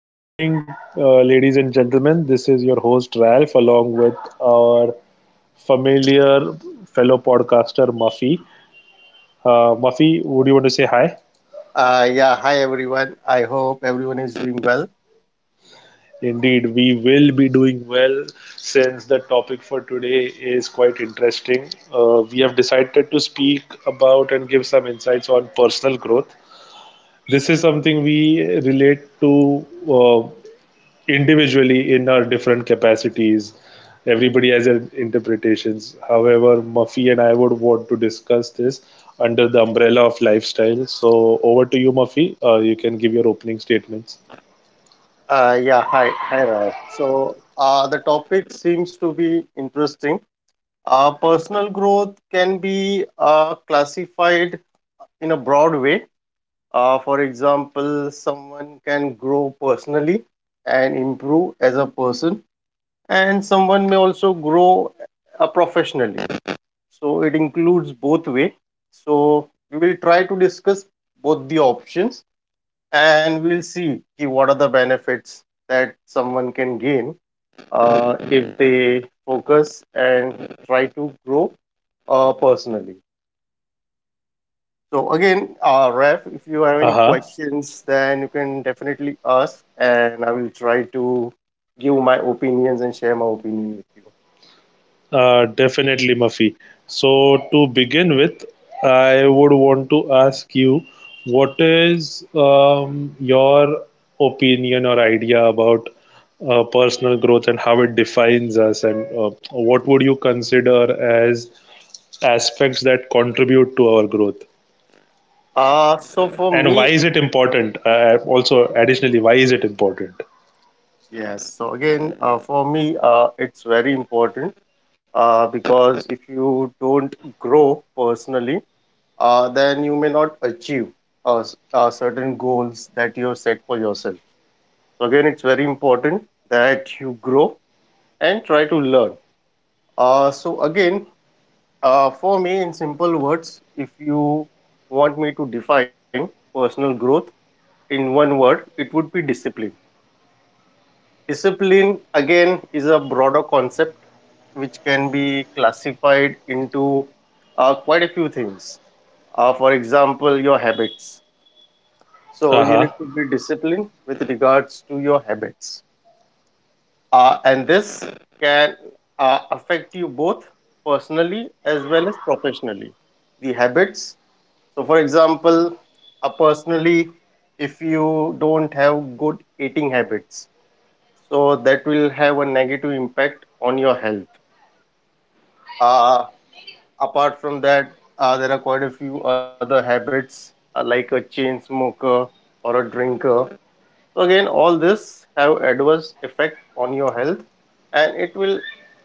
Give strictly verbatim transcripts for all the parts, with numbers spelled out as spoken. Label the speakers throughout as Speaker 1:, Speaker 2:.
Speaker 1: Good evening, uh, ladies and gentlemen. This is your host Ralph, along with our familiar fellow podcaster Muffy. Uh, Muffy, would you want to say hi?
Speaker 2: Uh, yeah, hi everyone. I hope everyone is doing well.
Speaker 1: Indeed, we will be doing well since the topic for today is quite interesting. Uh, we have decided to speak about and give some insights on personal growth. This is something we relate to uh, individually in our different capacities. Everybody has their interpretations. However, Muffy and I would want to discuss this under the umbrella of lifestyle. So, over to you, Muffy. Uh, you can give your opening statements.
Speaker 2: Uh, yeah, hi, hi Ryan. So uh, the topic seems to be interesting. Uh, personal growth can be uh, classified in a broad way. Uh, for example, someone can grow personally and improve as a person, and someone may also grow uh, professionally. So it includes both way. So we will try to discuss both the options, and we'll see ki what are the benefits that someone can gain uh, if they focus and try to grow uh, personally. So again, uh, Ref, if you have any
Speaker 1: Uh huh.
Speaker 2: questions, then you can definitely ask, and I will try to give my opinions and share my opinion with you.
Speaker 1: Uh, definitely, Mafi. So, to begin with, I would want to ask you what is um, your opinion or idea about uh, personal growth and how it defines us, and uh, what would you consider as aspects that contribute to our growth?
Speaker 2: Uh, so for
Speaker 1: And why
Speaker 2: me,
Speaker 1: is it important? Uh, also, additionally, why is it important?
Speaker 2: yes. So again, uh, for me, uh, it's very important uh, because if you don't grow personally, uh, then you may not achieve uh, s- uh, certain goals that you have set for yourself. So, again, it's very important that you grow and try to learn. Uh, so, again, uh, for me, in simple words, if you want me to define personal growth in one word, it would be discipline. Discipline, again, is a broader concept which can be classified into uh, quite a few things. Uh, for example, your habits.
Speaker 1: Uh
Speaker 2: So
Speaker 1: huh.
Speaker 2: you need to be disciplined with regards to your habits. Uh, and this can uh, affect you both personally as well as professionally. The habits. So, for example, uh, personally, if you don't have good eating habits, so that will have a negative impact on your health. Uh, Apart from that, uh, there are quite a few other habits uh, like a chain smoker or a drinker. So again, all this have adverse effect on your health, and it will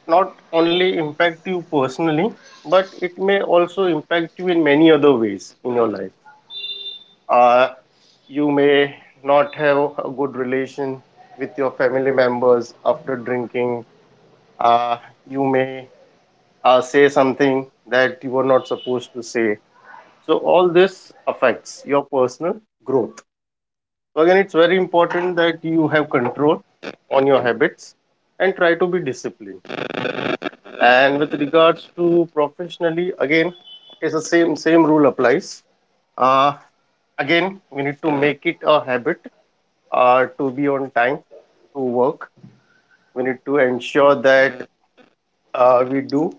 Speaker 2: not only impact you personally, but it may also impact you in many other ways in your life. Uh, you may not have a good relation with your family members after drinking. Uh, you may uh, say something that you were not supposed to say. So all this affects your personal growth. So again, it's very important that you have control on your habits and try to be disciplined. And with regards to professionally, again, it's the same same rule applies. uh, Again, we need to make it a habit uh, to be on time to work. We need to ensure that uh, we do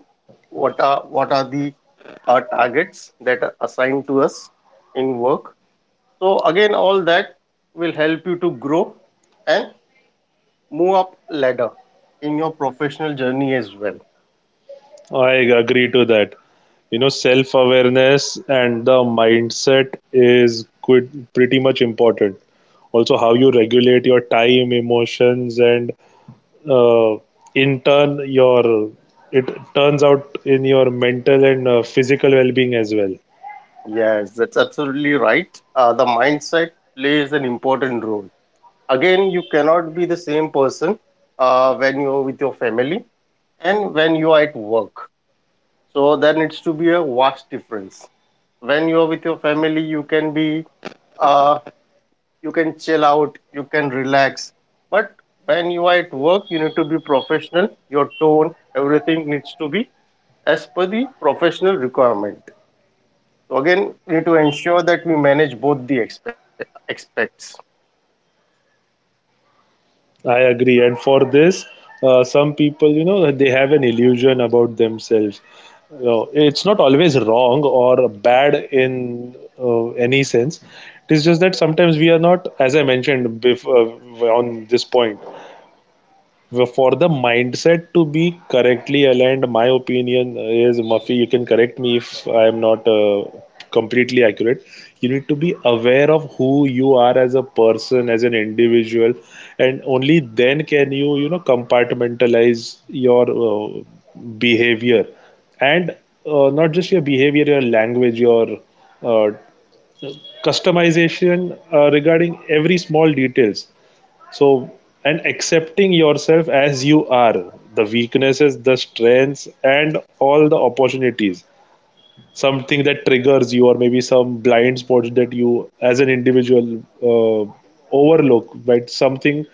Speaker 2: what are what are the uh, targets that are assigned to us in work. So again, all that will help you to grow and move up ladder in your professional journey as well.
Speaker 1: I agree to that. You know, self awareness and the mindset is quite, pretty much important. Also, how you regulate your time, emotions, and uh, in turn, your it turns out in your mental and uh, physical well being as well.
Speaker 2: Yes, that's absolutely right. Uh, the mindset plays an important role. Again, you cannot be the same person uh, when you're with your family and when you are at work. So there needs to be a vast difference. When you're with your family, you can be, uh, you can chill out, you can relax. But when you are at work, you need to be professional. Your tone, everything needs to be as per the professional requirement. So again, we need to ensure that we manage both the expe aspects.
Speaker 1: I agree. And for this, uh, some people, you know, they have an illusion about themselves. You know, it's not always wrong or bad in uh, any sense. It is just that sometimes we are not, as I mentioned before, on this point for the mindset to be correctly aligned. My opinion is, Muffy, you can correct me if I am not uh, completely accurate. You need to be aware of who you are as a person, as an individual, and only then can you, you know, compartmentalize your uh, behavior, and uh, not just your behavior, your language, your uh, customization, uh, regarding every small details. So, and accepting yourself as you are, the weaknesses, the strengths, and all the opportunities, something that triggers you, or maybe some blind spots that you as an individual uh, overlook, but something,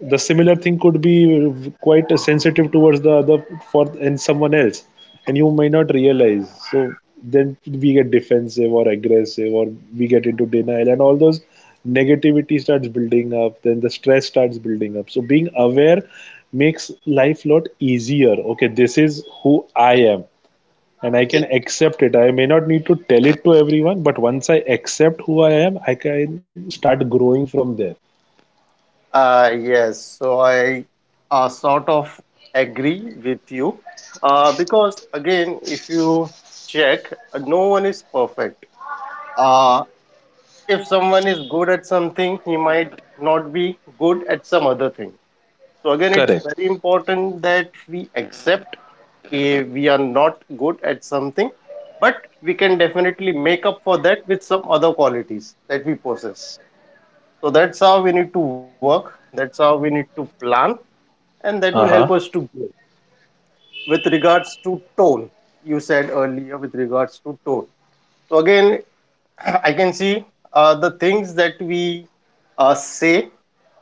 Speaker 1: the similar thing could be quite sensitive towards the other, for, and someone else, and you may not realize. So then we get defensive or aggressive, or we get into denial, and all those negativity starts building up, then the stress starts building up. So being aware makes life lot easier. Okay, this is who I am, and I
Speaker 2: Yeah.
Speaker 1: can accept it. I may not need to tell it to everyone, but once I accept who I am, I can start growing from there.
Speaker 2: Uh, yes, so I uh, sort of agree with you uh, because again, if you check, uh, no one is perfect. Uh, if someone is good at something, he might not be good at some other thing. So again, it's
Speaker 1: Correct.
Speaker 2: very important that we accept, okay, we are not good at something, but we can definitely make up for that with some other qualities that we possess. So that's how we need to work, that's how we need to plan, and that will help
Speaker 1: Uh
Speaker 2: us to
Speaker 1: huh.
Speaker 2: grow. With regards to tone, you said earlier, with regards to tone, so again I can see uh, the things that we uh, say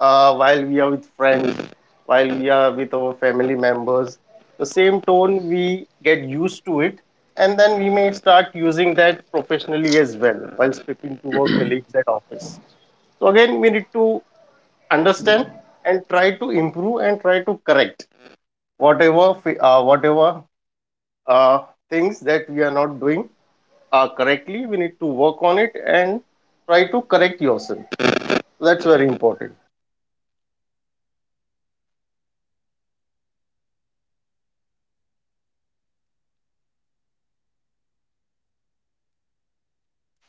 Speaker 2: uh, while we are with friends, while we are with our family members. The same tone, we get used to it, and then we may start using that professionally as well while speaking to our colleagues at office. So, again, we need to understand and try to improve and try to correct whatever, fi- uh, whatever uh, things that we are not doing uh, correctly. We need to work on it and try to correct yourself. That's very important.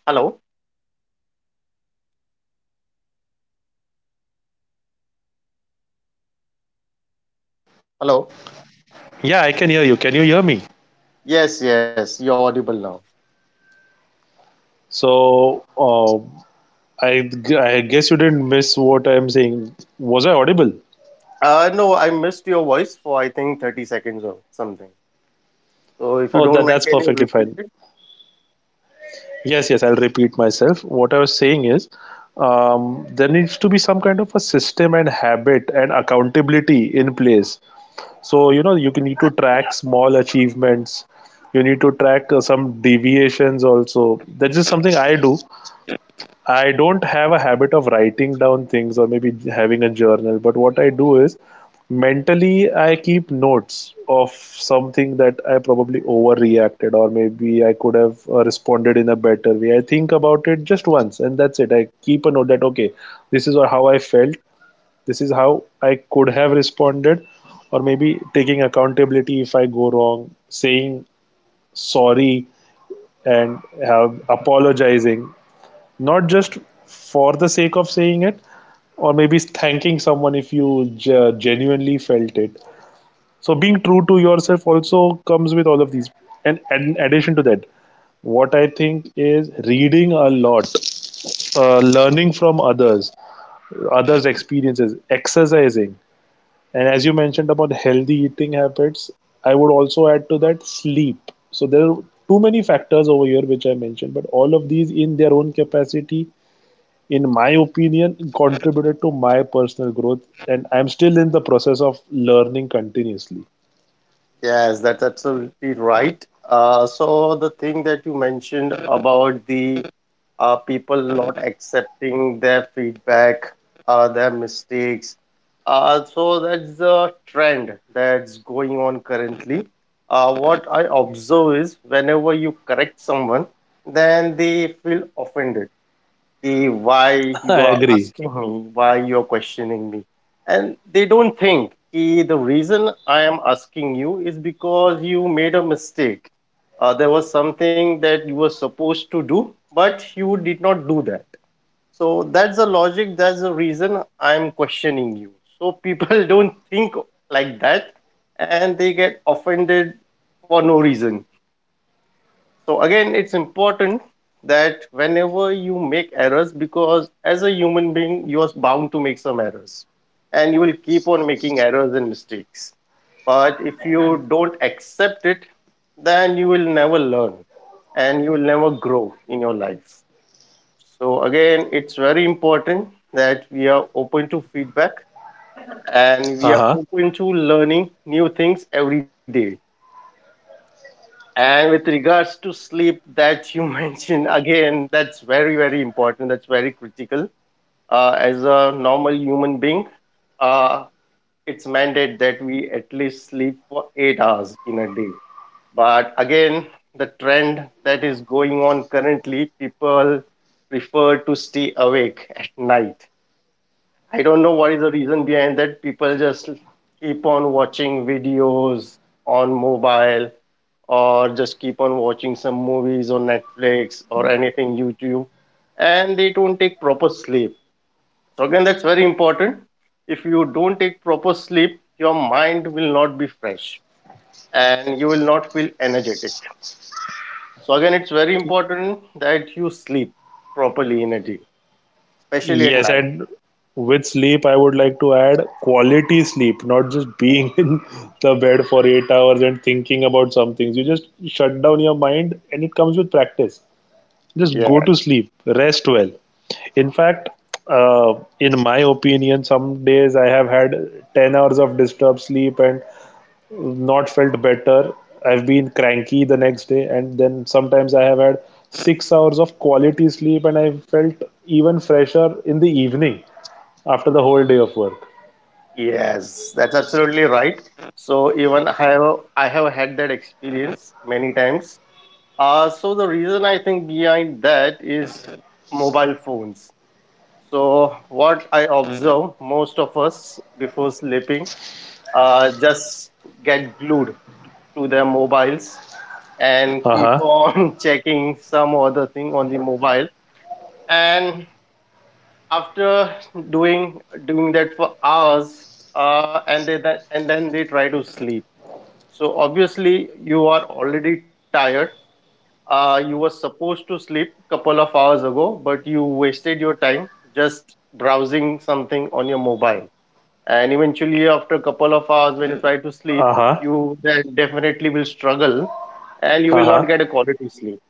Speaker 2: Hello? Hello?
Speaker 1: Yeah, I can hear you. Can you hear me?
Speaker 2: Yes, yes, you're audible now.
Speaker 1: So, uh, I, I guess you didn't miss what I'm saying. Was I audible?
Speaker 2: Uh, no, I missed your voice for, I think, thirty seconds or something. So if you
Speaker 1: Oh,
Speaker 2: don't
Speaker 1: that
Speaker 2: mind,
Speaker 1: that's
Speaker 2: can you
Speaker 1: perfectly
Speaker 2: repeat
Speaker 1: fine.
Speaker 2: it?
Speaker 1: Yes, yes, I'll repeat myself. What I was saying is, um, there needs to be some kind of a system and habit and accountability in place. So, you know, you can need to track small achievements. You need to track uh, some deviations also. That's just something I do. I don't have a habit of writing down things or maybe having a journal, but what I do is mentally I keep notes of something that I probably overreacted or maybe I could have uh, responded in a better way. I think about it just once and that's it. I keep a note that okay, this is how I felt, this is how I could have responded, or maybe taking accountability if I go wrong, saying sorry and have apologizing, not just for the sake of saying it, or maybe thanking someone if you genuinely felt it. So being true to yourself also comes with all of these. And in addition to that, what I think is reading a lot, uh, learning from others, others experiences, exercising. And as you mentioned about healthy eating habits, I would also add to that sleep. So there are too many factors over here which I mentioned, but all of these in their own capacity, in my opinion, contributed to my personal growth. And I'm still in the process of learning continuously.
Speaker 2: Yes, that's absolutely right. Uh, so the thing that you mentioned about the uh, people not accepting their feedback, uh, their mistakes. Uh, so that's the trend that's going on currently. Uh, what I observe is whenever you correct someone, then they feel offended कि why
Speaker 1: I
Speaker 2: you are
Speaker 1: agree.
Speaker 2: asking me, why you are questioning me. And they don't think कि the reason I am asking you is because you made a mistake. Uh, there was something that you were supposed to do, but you did not do that. So that's the logic, that's the reason I'm questioning you. So people don't think like that, and they get offended for no reason. So again, it's important that whenever you make errors, because as a human being you are bound to make some errors, and you will keep on making errors and mistakes. But if you don't accept it, then you will never learn and you will never grow in your life. So again, it's very important that we are open to feedback and we are
Speaker 1: Uh-huh.
Speaker 2: open to learning new things every day. And with regards to sleep that you mentioned, again, that's very, very important. That's very critical. Uh, as a normal human being, uh, it's mandate that we at least sleep for eight hours in a day. But again, the trend that is going on currently, people prefer to stay awake at night. I don't know what is the reason behind that. People just keep on watching videos on mobile or just keep on watching some movies on Netflix or anything YouTube, and they don't take proper sleep. So again, that's very important. If you don't take proper sleep, your mind will not be fresh and you will not feel energetic. So again, it's very important that you sleep properly in a day, especially at
Speaker 1: Yes,
Speaker 2: night.
Speaker 1: and with sleep, I would like to add quality sleep, not just being in the bed for eight hours and thinking about some things. You just shut down your mind, and it comes with practice. Just
Speaker 2: Yeah,
Speaker 1: go to sleep, rest well. In fact, uh, in my opinion, some days I have had ten hours of disturbed sleep and not felt better. I've been cranky the next day, and then sometimes I have had six hours of quality sleep and I felt even fresher in the evening after the whole day of work.
Speaker 2: yes, that's absolutely right. So even I have I have had that experience many times. Uh, so the reason I think behind that is mobile phones. So what I observe, most of us before sleeping, uh, just get glued to their mobiles and
Speaker 1: Uh
Speaker 2: keep
Speaker 1: huh.
Speaker 2: on checking some other thing on the mobile. And after doing doing that for hours, uh, and they then and then they try to sleep. So obviously you are already tired. Uh, you were supposed to sleep a couple of hours ago, but you wasted your time just browsing something on your mobile. And eventually, after a couple of hours, when you try to sleep,
Speaker 1: Uh huh.
Speaker 2: you then definitely will struggle and you
Speaker 1: Uh
Speaker 2: will
Speaker 1: huh.
Speaker 2: not get a quality sleep.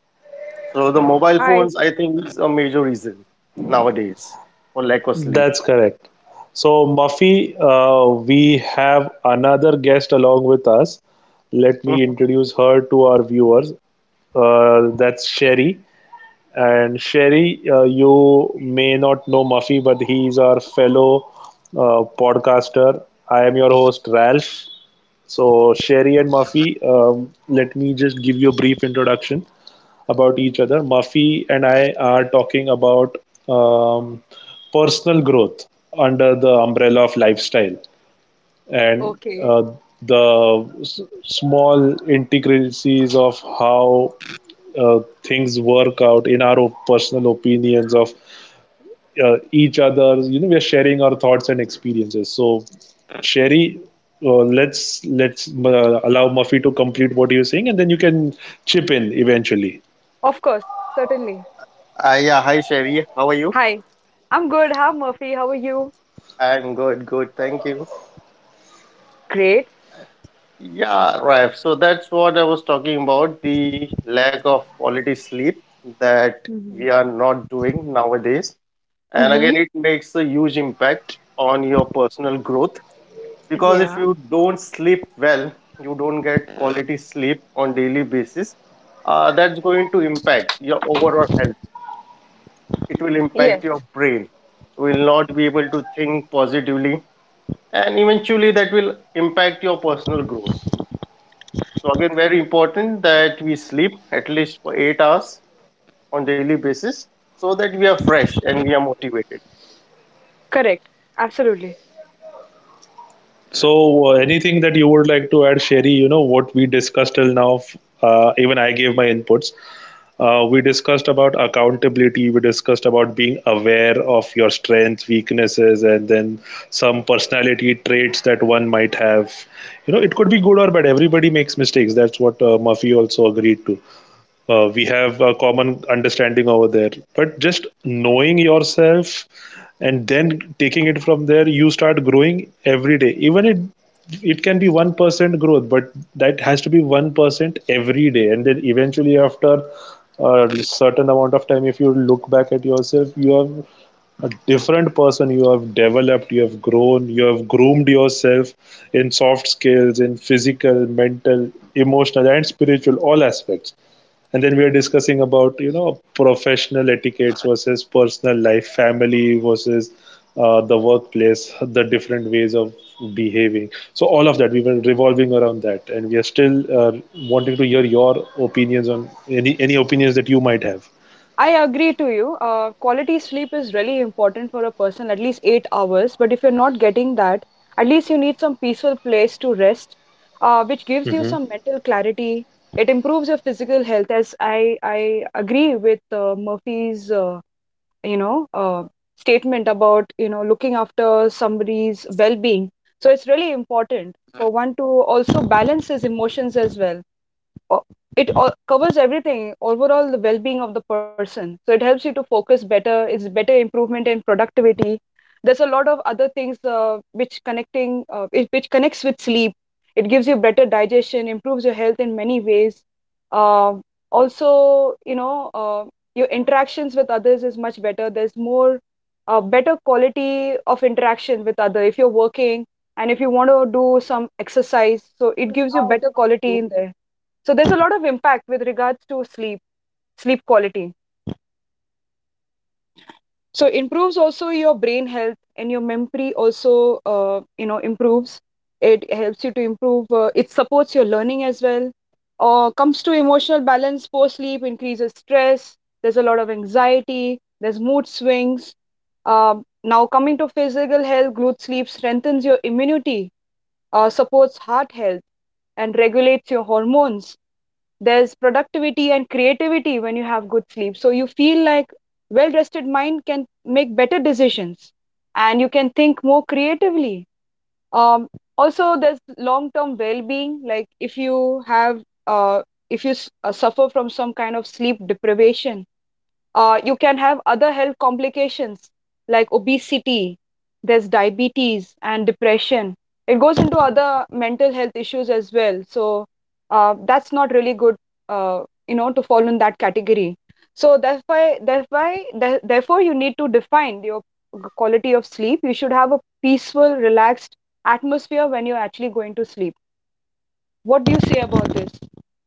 Speaker 2: So, the mobile
Speaker 3: Hi.
Speaker 2: phones, I think, is a major reason nowadays for lack of sleep.
Speaker 1: That's correct. So, Muffy, uh, we have another guest along with us. Let me
Speaker 2: Mhm.
Speaker 1: introduce her to our viewers. Uh, that's Sherry. And Sherry, uh, you may not know Muffy, but he is our fellow uh, podcaster. I am your host, Ralph. So, Sherry and Muffy, um, let me just give you a brief introduction about each other. Muffy and I are talking about um, personal growth under the umbrella of lifestyle, and
Speaker 3: Okay.
Speaker 1: uh, the s- small intricacies of how uh, things work out in our personal opinions of uh, each other. You know, we're sharing our thoughts and experiences. So, Sherry, uh, let's let's uh, allow Muffy to complete what you are saying, and then you can chip in eventually.
Speaker 3: Of course. Certainly.
Speaker 2: Uh, yeah, hi Sherry, how are you?
Speaker 3: Hi. I'm good. How Murphy? How are you?
Speaker 2: I'm good, good, thank you.
Speaker 3: Great.
Speaker 2: Yeah, right. So that's what I was talking about, the lack of quality sleep that
Speaker 3: Mm-hmm.
Speaker 2: we are not doing nowadays. And
Speaker 3: Mm-hmm.
Speaker 2: again, it makes a huge impact on your personal growth because if
Speaker 3: Yeah.
Speaker 2: you don't sleep well, you don't get quality sleep on daily basis, uh, that's going to impact your overall health. It will impact your
Speaker 3: Yes.
Speaker 2: brain. You will not be able to think positively, and eventually that will impact your personal growth. So again, very important that we sleep at least for eight hours on daily basis so that we are fresh and we are motivated.
Speaker 3: Correct. Absolutely.
Speaker 1: So, uh, anything that you would like to add, Sherry? You know what we discussed till now. Uh, even I gave my inputs. Uh, we discussed about accountability. We discussed about being aware of your strengths, weaknesses, and then some personality traits that one might have. You know, it could be good or bad. Everybody makes mistakes. That's what uh, Murphy also agreed to. Uh, we have a common understanding over there, but just knowing yourself and then taking it from there, you start growing every day. Even it it can be one percent growth, but that has to be one percent every day, and then eventually after a certain amount of time, if you look back at yourself, you are a different person. You have developed, you have grown, you have groomed yourself in soft skills, in physical, mental, emotional, and spiritual, all aspects. And then we are discussing about, you know, professional etiquettes versus personal life, family versus uh, the workplace, the different ways of behaving. So all of that we were revolving around that, and we are still uh, wanting to hear your opinions on any any opinions that you might have.
Speaker 3: I agree to you. Uh, quality sleep is really important for a person, at least eight hours. But if you're not getting that, at least you need some peaceful place to rest, uh, which gives you some mental clarity. It improves your physical health, as I I agree with uh, Murphy's uh, you know uh, statement about you know looking after somebody's well-being, so it's really important for one to also balance his emotions as well. It all covers everything, overall the well-being of the person. So it helps you to focus better, it's better improvement in productivity. There's a lot of other things, uh, which connecting uh, it, which connects with sleep. It gives you better digestion, improves your health in many ways. Um also You know, uh, your interactions with others is much better, there's more uh, better quality of interaction with other if you're working, and if you want to do some exercise, so it gives you better quality in there. So there's a lot of impact with regards to sleep, sleep quality. So improves also your brain health, and your memory also, uh, you know, improves. It helps you to improve. Uh, it supports your learning as well. Or comes to emotional balance post sleep, increases stress. There's a lot of anxiety. There's mood swings. Um, now coming to physical health, good sleep strengthens your immunity, uh, supports heart health, and regulates your hormones. There's productivity and creativity when you have good sleep. So you feel like well rested mind can make better decisions and you can think more creatively. Um, Also, there's long term well being. Like if you have, uh, if you uh, suffer from some kind of sleep deprivation, uh, you can have other health complications like obesity, there's diabetes and depression. It goes into other mental health issues as well. So uh, that's not really good, uh, you know, to fall in that category. So that's why, that's why, there- therefore, you need to define your quality of sleep. You should have a peaceful, relaxed atmosphere when you're actually going to sleep. What do you say about this,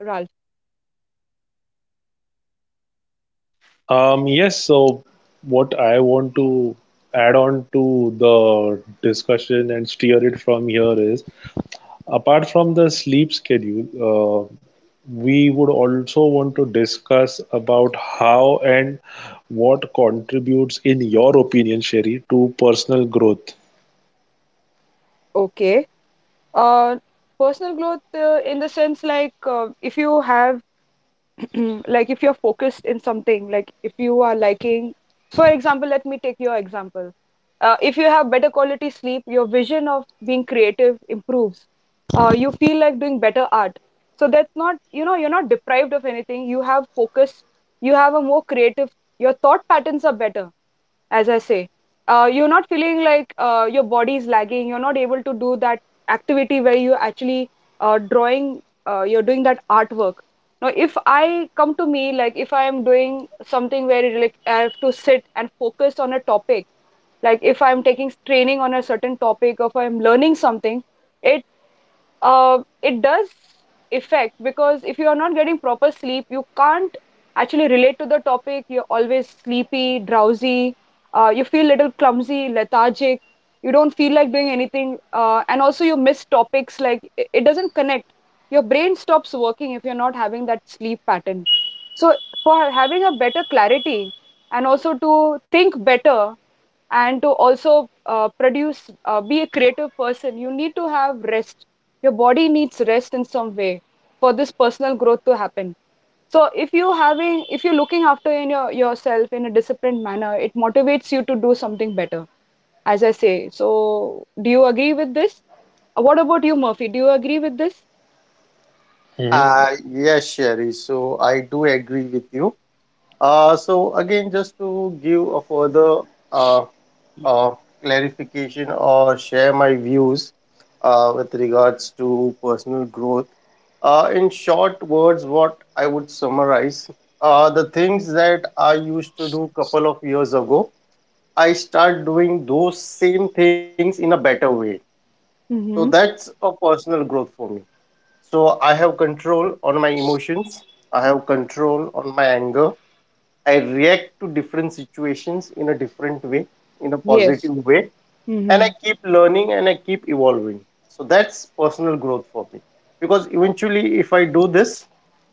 Speaker 3: Ralph?
Speaker 1: um Yes, so what I want to add on to the discussion and steer it from here is, apart from the sleep schedule, uh, we would also want to discuss about how and...
Speaker 3: Okay. Uh, Personal growth uh, in the sense like uh, if you have like if you're focused in something, like if you are liking, for example, let me take your example. Uh, if you have better quality sleep, your vision of being creative improves. Uh, you feel like doing better art. So that's not, you know, you're not deprived of anything. You have focus, you have a more creative, your thought patterns are better as I say. Uh, you're not feeling like uh, your body is lagging. You're not able to do that activity where you actually uh, drawing. Uh, you're doing that artwork. Now, if I come to me, like if I am doing something where it, like I have to sit and focus on a topic, like if I'm taking training on a certain topic or if I'm learning something, it uh, it does affect, because if you are not getting proper sleep, you can't actually relate to the topic. You're always sleepy, drowsy, uh, you feel little clumsy, lethargic, you don't feel like doing anything, uh, and also you miss topics, like i- it doesn't connect. Your brain stops working if you're not having that sleep pattern. So, for having a better clarity and also to think better, and to also uh, produce uh, be a creative person, you need to have rest. Your body needs rest in some way for this personal growth to happen. So if you having if you're looking after in your yourself in a disciplined manner, it motivates you to do something better, as I say. So do you agree with this? Uh, what about you, Murphy, do you agree with this?
Speaker 1: Mhm.
Speaker 2: Uh, yes, Sherry. So I do agree with you. Uh, so again, just to give a further uh, uh, clarification or share my views uh, with regards to personal growth. Uh, in short words, what I would summarize, uh, the things that I used to do couple of years ago, I start doing those same things in a better way. So
Speaker 3: Mm-hmm.
Speaker 2: that's a personal growth for me. So I have control on my emotions, I have control on my anger. I react to different situations in a different way, in a
Speaker 3: Yes.
Speaker 2: positive way, and
Speaker 3: Mm-hmm.
Speaker 2: I keep learning and I keep evolving. So that's personal growth for me. Because eventually, if I do this,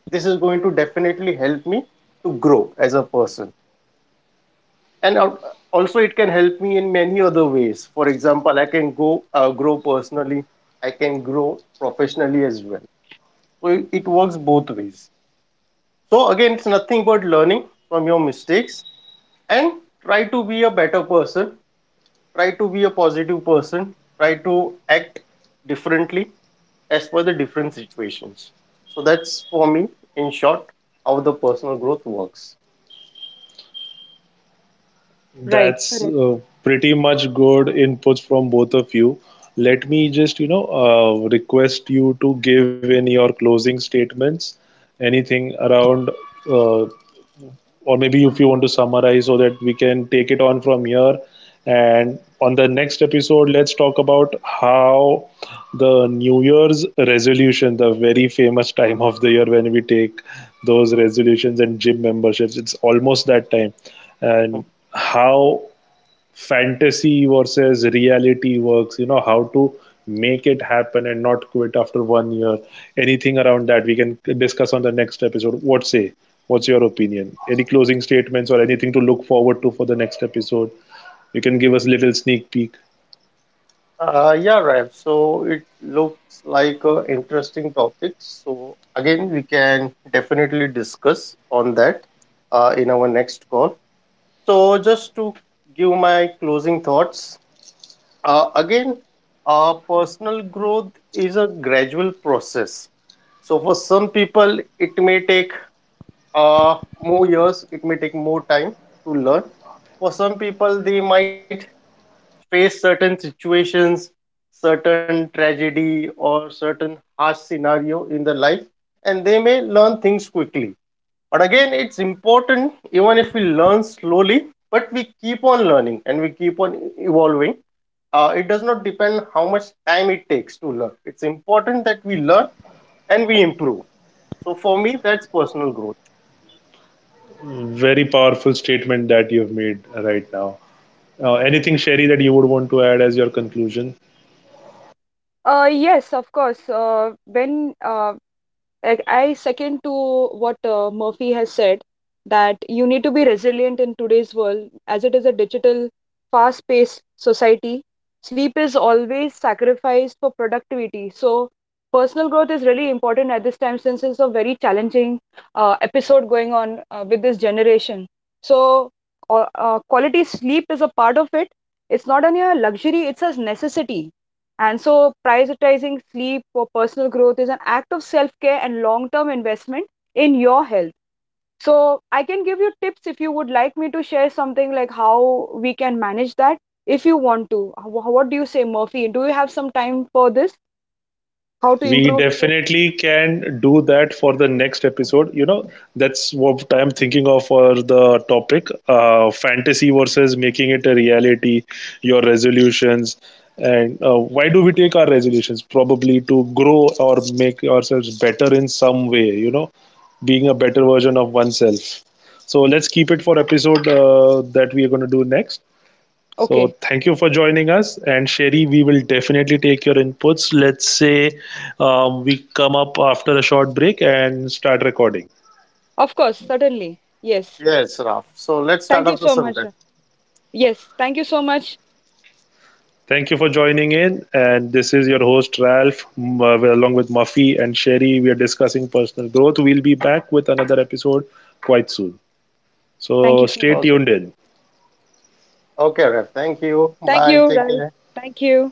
Speaker 2: this is going to definitely help me to grow as a person, and al- also it can help me in many other ways. For example, I can go uh, grow personally, I can grow professionally as well. So it, it works both ways. So again, it's nothing but learning from your mistakes and try to be a better person, try to be a positive person, try to act differently as per the different situations. So that's for me in short how the personal growth works.
Speaker 3: Right.
Speaker 1: That's
Speaker 3: Correct.
Speaker 1: uh, pretty much good inputs from both of you. Let me just, you know, uh, request you to give in your closing statements, anything around uh, or maybe if you want to summarize, so that we can take it on from here. And on the next episode, let's talk about how the new year's resolution, the very famous time of the year when we take those resolutions and gym memberships. It's almost that time. And how fantasy versus reality works, you know, how to make it happen and not quit after one year. Anything around that we can discuss on the next episode. What say? What's your opinion? Any closing statements or anything to look forward to for the next episode? You can give us a little sneak peek.
Speaker 2: Uh, yeah, Raif. So it looks like an interesting topic. So again, we can definitely discuss on that uh, in our next call. So just to give my closing thoughts, uh, again, uh, personal growth is a gradual process. So for some people, it may take uh, more years, it may take more time to learn. For some people, they might face certain situations, certain tragedy or certain harsh scenario in their life, and they may learn things quickly. But again, it's important, even if we learn slowly, but we keep on learning and we keep on evolving. Uh, it does not depend how much time it takes to learn. It's important that we learn and we improve. So for me, that's personal growth.
Speaker 1: Very powerful statement that you've made right now. Uh, anything, Sherry, that you would want to add as your conclusion?
Speaker 3: Uh yes, of course. Uh when uh Like I second to what uh, Murphy has said, that you need to be resilient in today's world, as it is a digital, fast-paced society. Sleep is always sacrificed for productivity. So personal growth is really important at this time, since it's a very challenging uh, episode going on uh, with this generation. So uh, uh, quality sleep is a part of it. It's not only a luxury, it's a necessity, and so, prioritizing sleep for personal growth is an act of self care and long term investment in your health. So, I can give you tips if you would like me to share something, like how we can manage that if you want to. Wh- What do you say, Murphy? Do you have some time for this? How to
Speaker 1: We
Speaker 3: improve sleep?
Speaker 1: definitely can do that for the next episode. You know, that's what I'm thinking of for the topic, uh, fantasy versus making it a reality, your resolutions. And uh, why do we take our resolutions? Probably to grow or make ourselves better in some way, you know, being a better version of oneself. So let's keep it for episode uh, that we are going to do next. So
Speaker 3: Okay,
Speaker 1: thank you for joining us. And Sherry, we will definitely take your inputs. Let's say um, we come up after a short break and start recording.
Speaker 3: of course, certainly. Yes.
Speaker 2: Yes, Raf, so let's
Speaker 3: Thank
Speaker 2: start
Speaker 3: you
Speaker 2: off the
Speaker 3: so much. Ra-
Speaker 2: sometime.
Speaker 3: Yes, thank you so much.
Speaker 1: Thank you for joining in. And this is your host, Ralph, uh, well, along with Muffy and Sherry. We are discussing personal growth. We'll be back with another episode quite soon.
Speaker 3: Thank
Speaker 1: So
Speaker 3: you so
Speaker 1: stay
Speaker 2: Okay.
Speaker 3: much.
Speaker 1: tuned in.
Speaker 2: Okay, Raf, thank you.
Speaker 3: Thank
Speaker 2: Bye,
Speaker 3: you,
Speaker 2: take care.
Speaker 3: Ralph. Thank you.